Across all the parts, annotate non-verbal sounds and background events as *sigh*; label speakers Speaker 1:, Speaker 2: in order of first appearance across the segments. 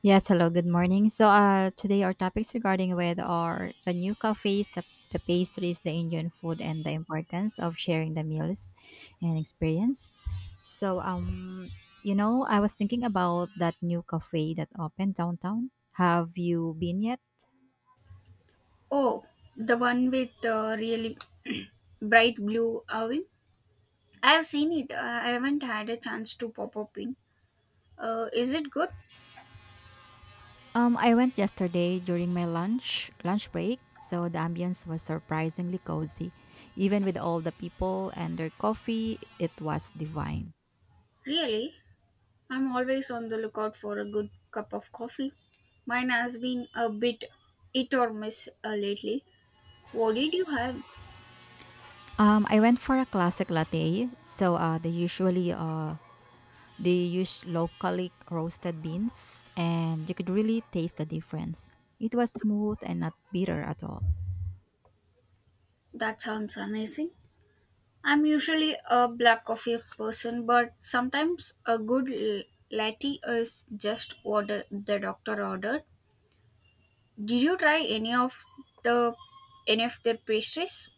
Speaker 1: Yes, hello, good morning. Today our topics regarding with are the new cafes, the pastries, the Indian food, and the importance of sharing the meals and experience. So, um, I was thinking about that new cafe that opened downtown. Have you been yet?
Speaker 2: Oh, the one with the really *clears throat* bright blue oven. I have seen it. I haven't had a chance to pop up in. Is it good?
Speaker 1: I went yesterday during my lunch break, so the ambience was surprisingly cozy. Even with all the people and their coffee, it was divine.
Speaker 2: Really? I'm always on the lookout for a good cup of coffee. Mine has been a bit hit or miss lately. What did you have?
Speaker 1: I went for a classic latte. They use locally roasted beans, and you could really taste the difference. It was smooth and not bitter at all.
Speaker 2: That sounds amazing. I'm usually a black coffee person, but sometimes a good latte is just what the doctor ordered. Did you try any of the any of their pastries?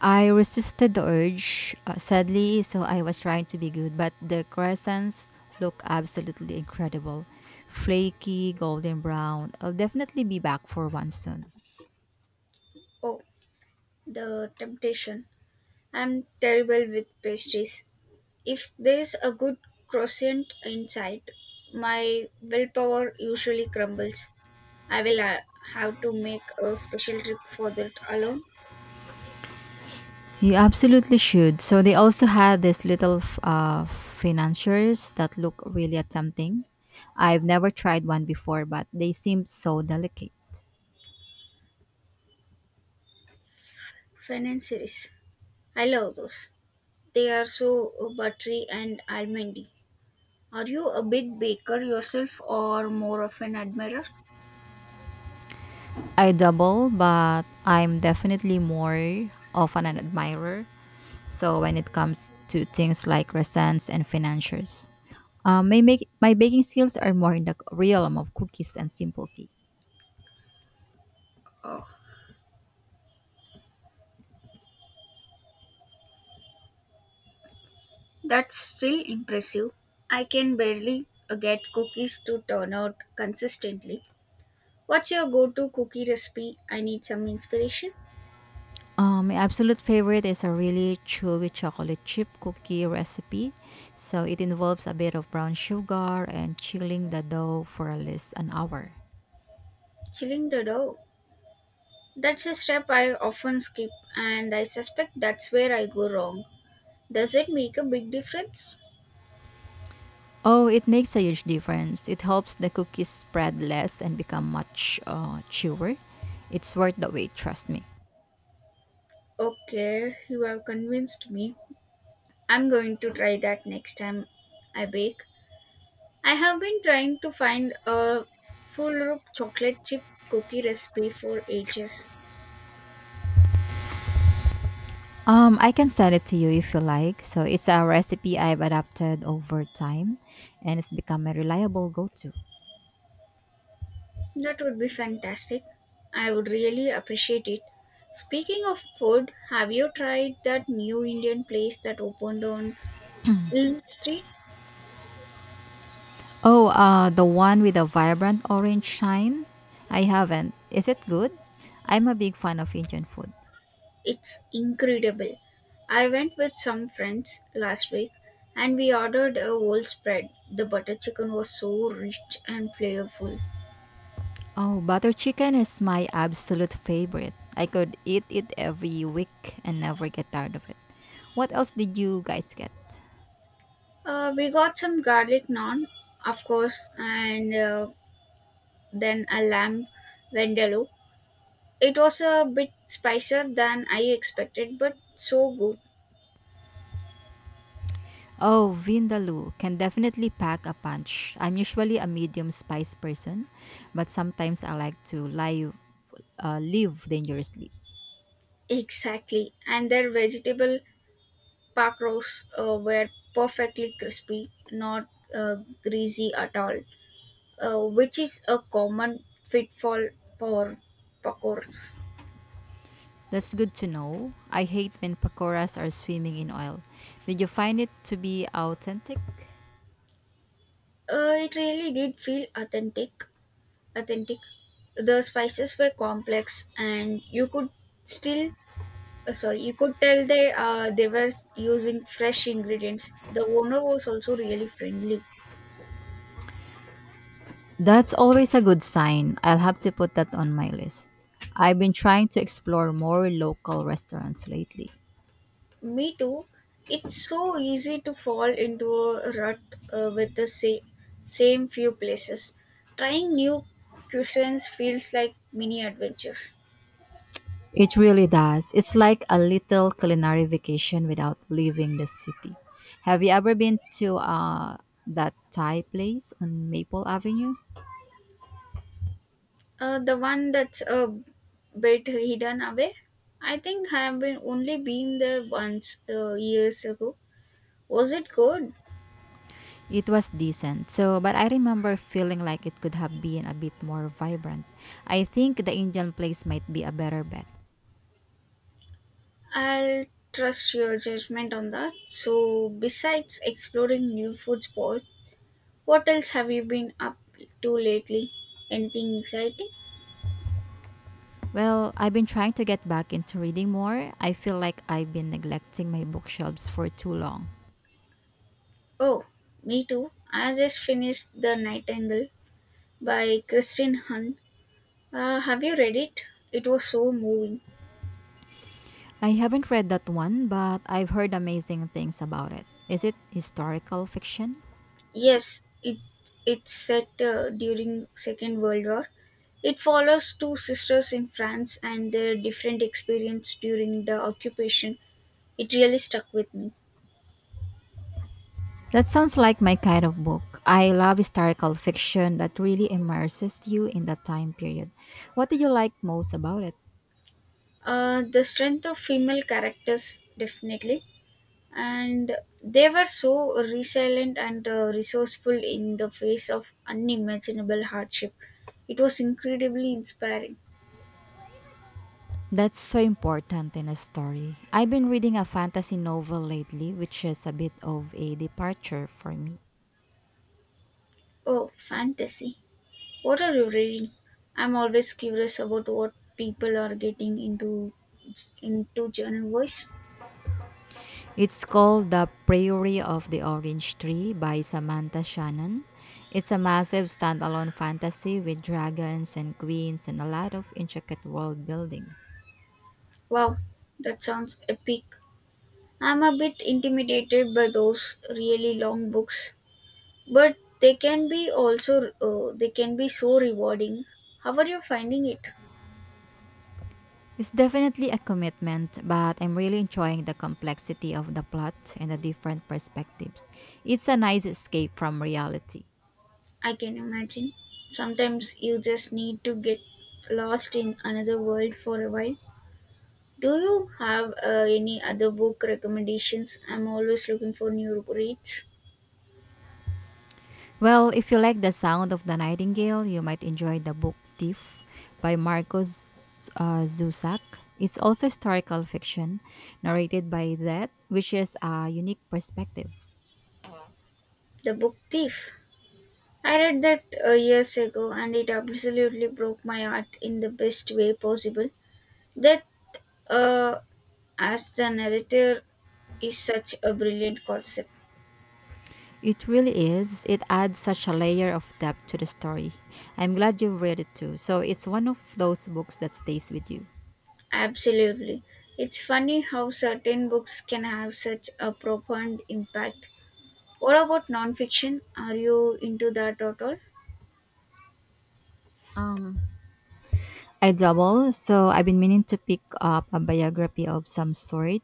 Speaker 1: I resisted the urge, sadly, so I was trying to be good, but the crescents look absolutely incredible. Flaky, golden brown. I'll definitely be back for one soon.
Speaker 2: Oh, the temptation. I'm terrible with pastries. If there's a good croissant inside, my willpower usually crumbles. I will have to make a special trip for that alone.
Speaker 1: You absolutely should. So they also had this little financiers that look really tempting. I've never tried one before, but they seem so delicate.
Speaker 2: Financiers. I love those. They are so buttery and almondy. Are you a big baker yourself or more of an admirer?
Speaker 1: I double, but I'm definitely more of an admirer. So when it comes to things like resents and financiers, my baking skills are more in the realm of cookies and simple cakes.
Speaker 2: Oh. That's still impressive. I can barely get cookies to turn out consistently. What's your go to cookie recipe? I need some inspiration.
Speaker 1: My absolute favorite is a really chewy chocolate chip cookie recipe. So it involves a bit of brown sugar and chilling the dough for at least an hour.
Speaker 2: Chilling the dough. That's a step I often skip, and I suspect that's where I go wrong. Does it make a big difference?
Speaker 1: Oh, it makes a huge difference. It helps the cookies spread less and become much chewer. It's worth the wait, trust me.
Speaker 2: Okay, you have convinced me. I'm going to try that next time I bake. I have been trying to find a full rope chocolate chip cookie recipe for ages.
Speaker 1: I can send it to you if you like. So it's a recipe I've adapted over time and it's become a reliable go-to.
Speaker 2: That would be fantastic. I would really appreciate it. Speaking of food, have you tried that new Indian place that opened on
Speaker 1: *clears throat*
Speaker 2: Elm Street?
Speaker 1: Oh, the one with the vibrant orange shine? I haven't. Is it good? I'm a big fan of Indian food.
Speaker 2: It's incredible. I went with some friends last week and we ordered a whole spread. The butter chicken was so rich and flavorful.
Speaker 1: Oh, butter chicken is my absolute favorite. I could eat it every week and never get tired of it. What else did you guys get?
Speaker 2: We got some garlic naan, of course, and then a lamb vindaloo. It was a bit spicier than I expected, but so good.
Speaker 1: Oh, vindaloo can definitely pack a punch. I'm usually a medium spice person, but sometimes I like to live dangerously.
Speaker 2: Exactly, and their vegetable pakros were perfectly crispy, not greasy at all, which is a common pitfall for pakors.
Speaker 1: That's good to know. I hate when pakoras are swimming in oil. Did you find it to be authentic?
Speaker 2: It really did feel authentic. Authentic. The spices were complex, and you could still, sorry, you could tell they were using fresh ingredients. The owner was also really friendly.
Speaker 1: That's always a good sign. I'll have to put that on my list. I've been trying to explore more local restaurants lately.
Speaker 2: Me too. It's so easy to fall into a rut with the same few places. Trying new cuisines feels like mini adventures.
Speaker 1: It really does. It's like a little culinary vacation without leaving the city. Have you ever been to that Thai place on Maple Avenue?
Speaker 2: The one that's a bit hidden away. I think I have been only been there once years ago. Was it good?
Speaker 1: It was decent. So, but I remember feeling like it could have been a bit more vibrant. I think the Indian place might be a better bet.
Speaker 2: I'll trust your judgment on that. So, besides exploring new food spots, what else have you been up to lately? Anything exciting?
Speaker 1: Well, I've been trying to get back into reading more. I feel like I've been neglecting my bookshelves for too long.
Speaker 2: Oh, me too. I just finished The Nightingale by Christine Hahn. Have you read it? It was so moving.
Speaker 1: I haven't read that one, but I've heard amazing things about it. Is it historical fiction?
Speaker 2: Yes, it's set during Second World War. It follows two sisters in France and their different experience during the occupation. It really stuck with me.
Speaker 1: That sounds like my kind of book. I love historical fiction that really immerses you in that time period. What do you like most about it?
Speaker 2: The strength of female characters definitely, and they were so resilient and resourceful in the face of unimaginable hardship. It was incredibly inspiring.
Speaker 1: That's so important in a story. I've been reading a fantasy novel lately, which is a bit of a departure for me.
Speaker 2: Oh, fantasy. What are you reading? I'm always curious about what people are getting into journal voice.
Speaker 1: It's called The Priory of the Orange Tree by Samantha Shannon. It's a massive standalone fantasy with dragons and queens and a lot of intricate world building.
Speaker 2: Wow, that sounds epic. I'm a bit intimidated by those really long books, but they can be also they can be so rewarding. How are you finding it?
Speaker 1: It's definitely a commitment, but I'm really enjoying the complexity of the plot and the different perspectives. It's a nice escape from reality.
Speaker 2: I can imagine. Sometimes you just need to get lost in another world for a while. Do you have any other book recommendations? I'm always looking for new reads.
Speaker 1: Well, if you like the sound of the nightingale, you might enjoy the book Thief by Marcos Zusak. It's also historical fiction narrated by that, which is a unique perspective.
Speaker 2: The Book Thief. I read that years ago and it absolutely broke my heart in the best way possible. That, uh, as the narrator, is such a brilliant concept.
Speaker 1: It really is. It adds such a layer of depth to the story. I'm glad you've read it too. So it's one of those books that stays with you.
Speaker 2: Absolutely. It's funny how certain books can have such a profound impact. What about nonfiction? Are you into that at all?
Speaker 1: Um, I double, so I've been meaning to pick up a biography of some sort.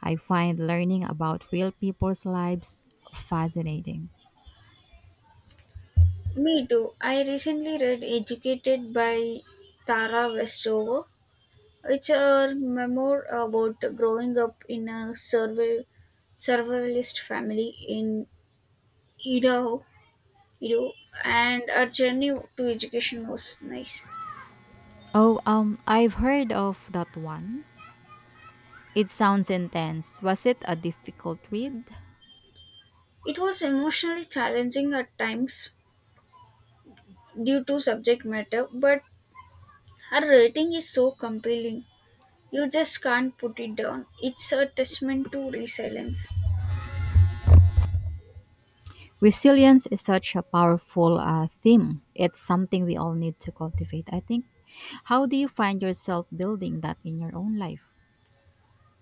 Speaker 1: I find learning about real people's lives fascinating.
Speaker 2: Me too. I recently read Educated by Tara Westover. It's a memoir about growing up in a survivalist family in Idaho, Idaho, and our journey to education was nice.
Speaker 1: Oh, I've heard of that one. It sounds intense. Was it a difficult read?
Speaker 2: It was emotionally challenging at times, due to subject matter, but her writing is so compelling. You just can't put it down. It's a testament to resilience.
Speaker 1: Resilience is such a powerful theme. It's something we all need to cultivate, I think. How do you find yourself building that in your own life?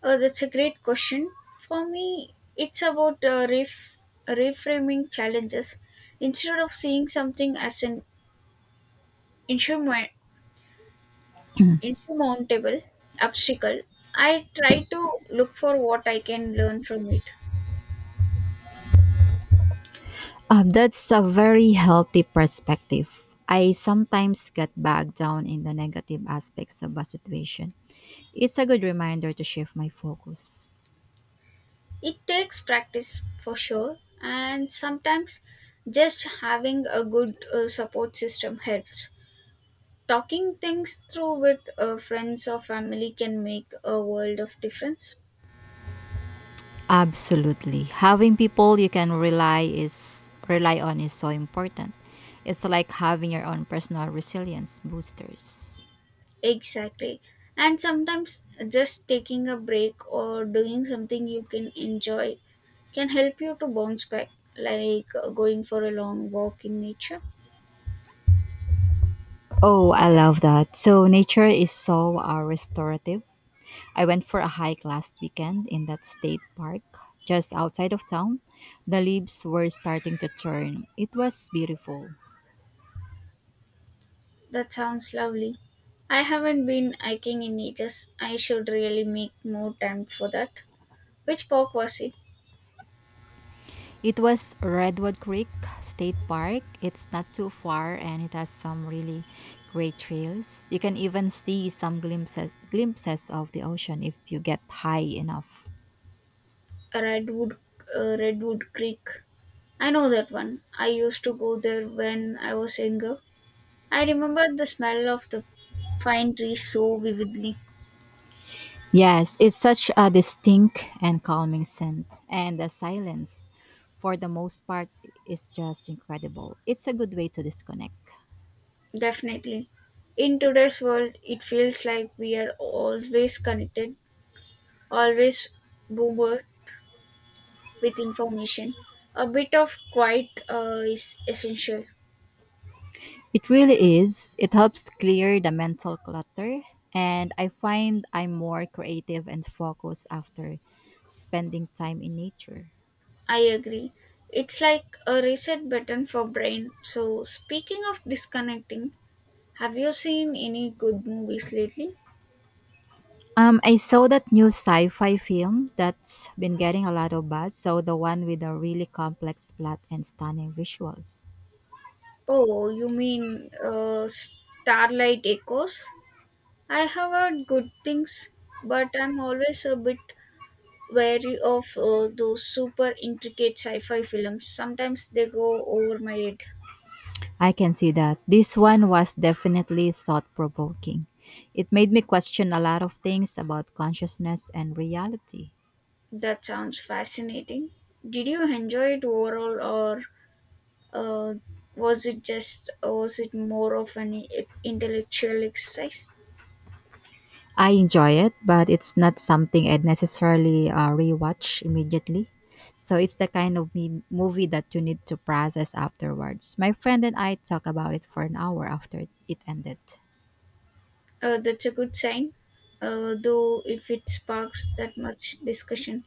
Speaker 2: That's a great question. For me, it's about reframing challenges. Instead of seeing something as an insurmount- insurmountable obstacle, I try to look for what I can learn from it.
Speaker 1: That's a very healthy perspective. I sometimes get bogged down in the negative aspects of a situation. It's a good reminder to shift my focus.
Speaker 2: It takes practice for sure, and sometimes just having a good support system helps. Talking things through with friends or family can make a world of difference.
Speaker 1: Absolutely. Having people you can rely on is so important. It's like having your own personal resilience boosters.
Speaker 2: Exactly. And sometimes just taking a break or doing something you can enjoy can help you to bounce back, like going for a long walk in nature.
Speaker 1: Oh, I love that. So nature is so restorative. I went for a hike last weekend in that state park just outside of town. The leaves were starting to turn. It was beautiful.
Speaker 2: That sounds lovely. I haven't been hiking in ages. I should really make more time for that. Which park was it?
Speaker 1: It was Redwood Creek State Park. It's not too far and it has some really great trails. You can even see some glimpses of the ocean if you get high enough.
Speaker 2: Redwood, Redwood Creek. I know that one. I used to go there when I was younger. I remember the smell of the pine trees so vividly.
Speaker 1: Yes, it's such a distinct and calming scent and the silence, for the most part, is just incredible. It's a good way to disconnect.
Speaker 2: Definitely. In today's world, it feels like we are always connected, always bombarded with information. A bit of quiet is essential.
Speaker 1: It really is. It helps clear the mental clutter, and I find I'm more creative and focused after spending time in nature.
Speaker 2: I agree. It's like a reset button for brain. So speaking of disconnecting, have you seen any good movies lately?
Speaker 1: I saw that new sci-fi film that's been getting a lot of buzz. So the one with a really complex plot and stunning visuals.
Speaker 2: Oh, you mean Starlight Echoes? I have heard good things, but I'm always a bit wary of those super intricate sci fi films. Sometimes they go over my head.
Speaker 1: I can see that. This one was definitely thought-provoking. It made me question a lot of things about consciousness and reality.
Speaker 2: That sounds fascinating. Did you enjoy it overall, or uh, was it more of an intellectual exercise?
Speaker 1: I enjoy it, but it's not something I'd necessarily rewatch immediately. So it's the kind of movie that you need to process afterwards. My friend and I talked about it for an hour after it ended.
Speaker 2: That's a good sign, though, if it sparks that much discussion.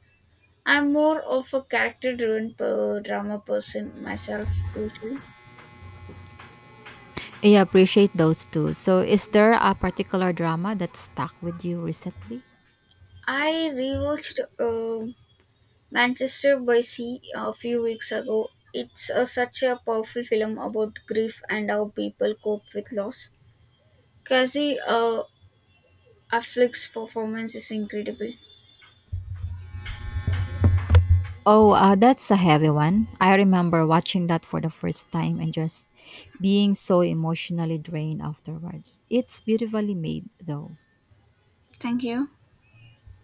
Speaker 2: I'm more of a character driven per drama person myself, usually.
Speaker 1: I appreciate those two. So is there a particular drama that stuck with you recently?
Speaker 2: I rewatched Manchester by Sea a few weeks ago. It's such a powerful film about grief and how people cope with loss. Cassie Affleck's performance is incredible.
Speaker 1: Oh, that's a heavy one. I remember watching that for the first time and just being so emotionally drained afterwards. It's beautifully made, though.
Speaker 2: Thank you.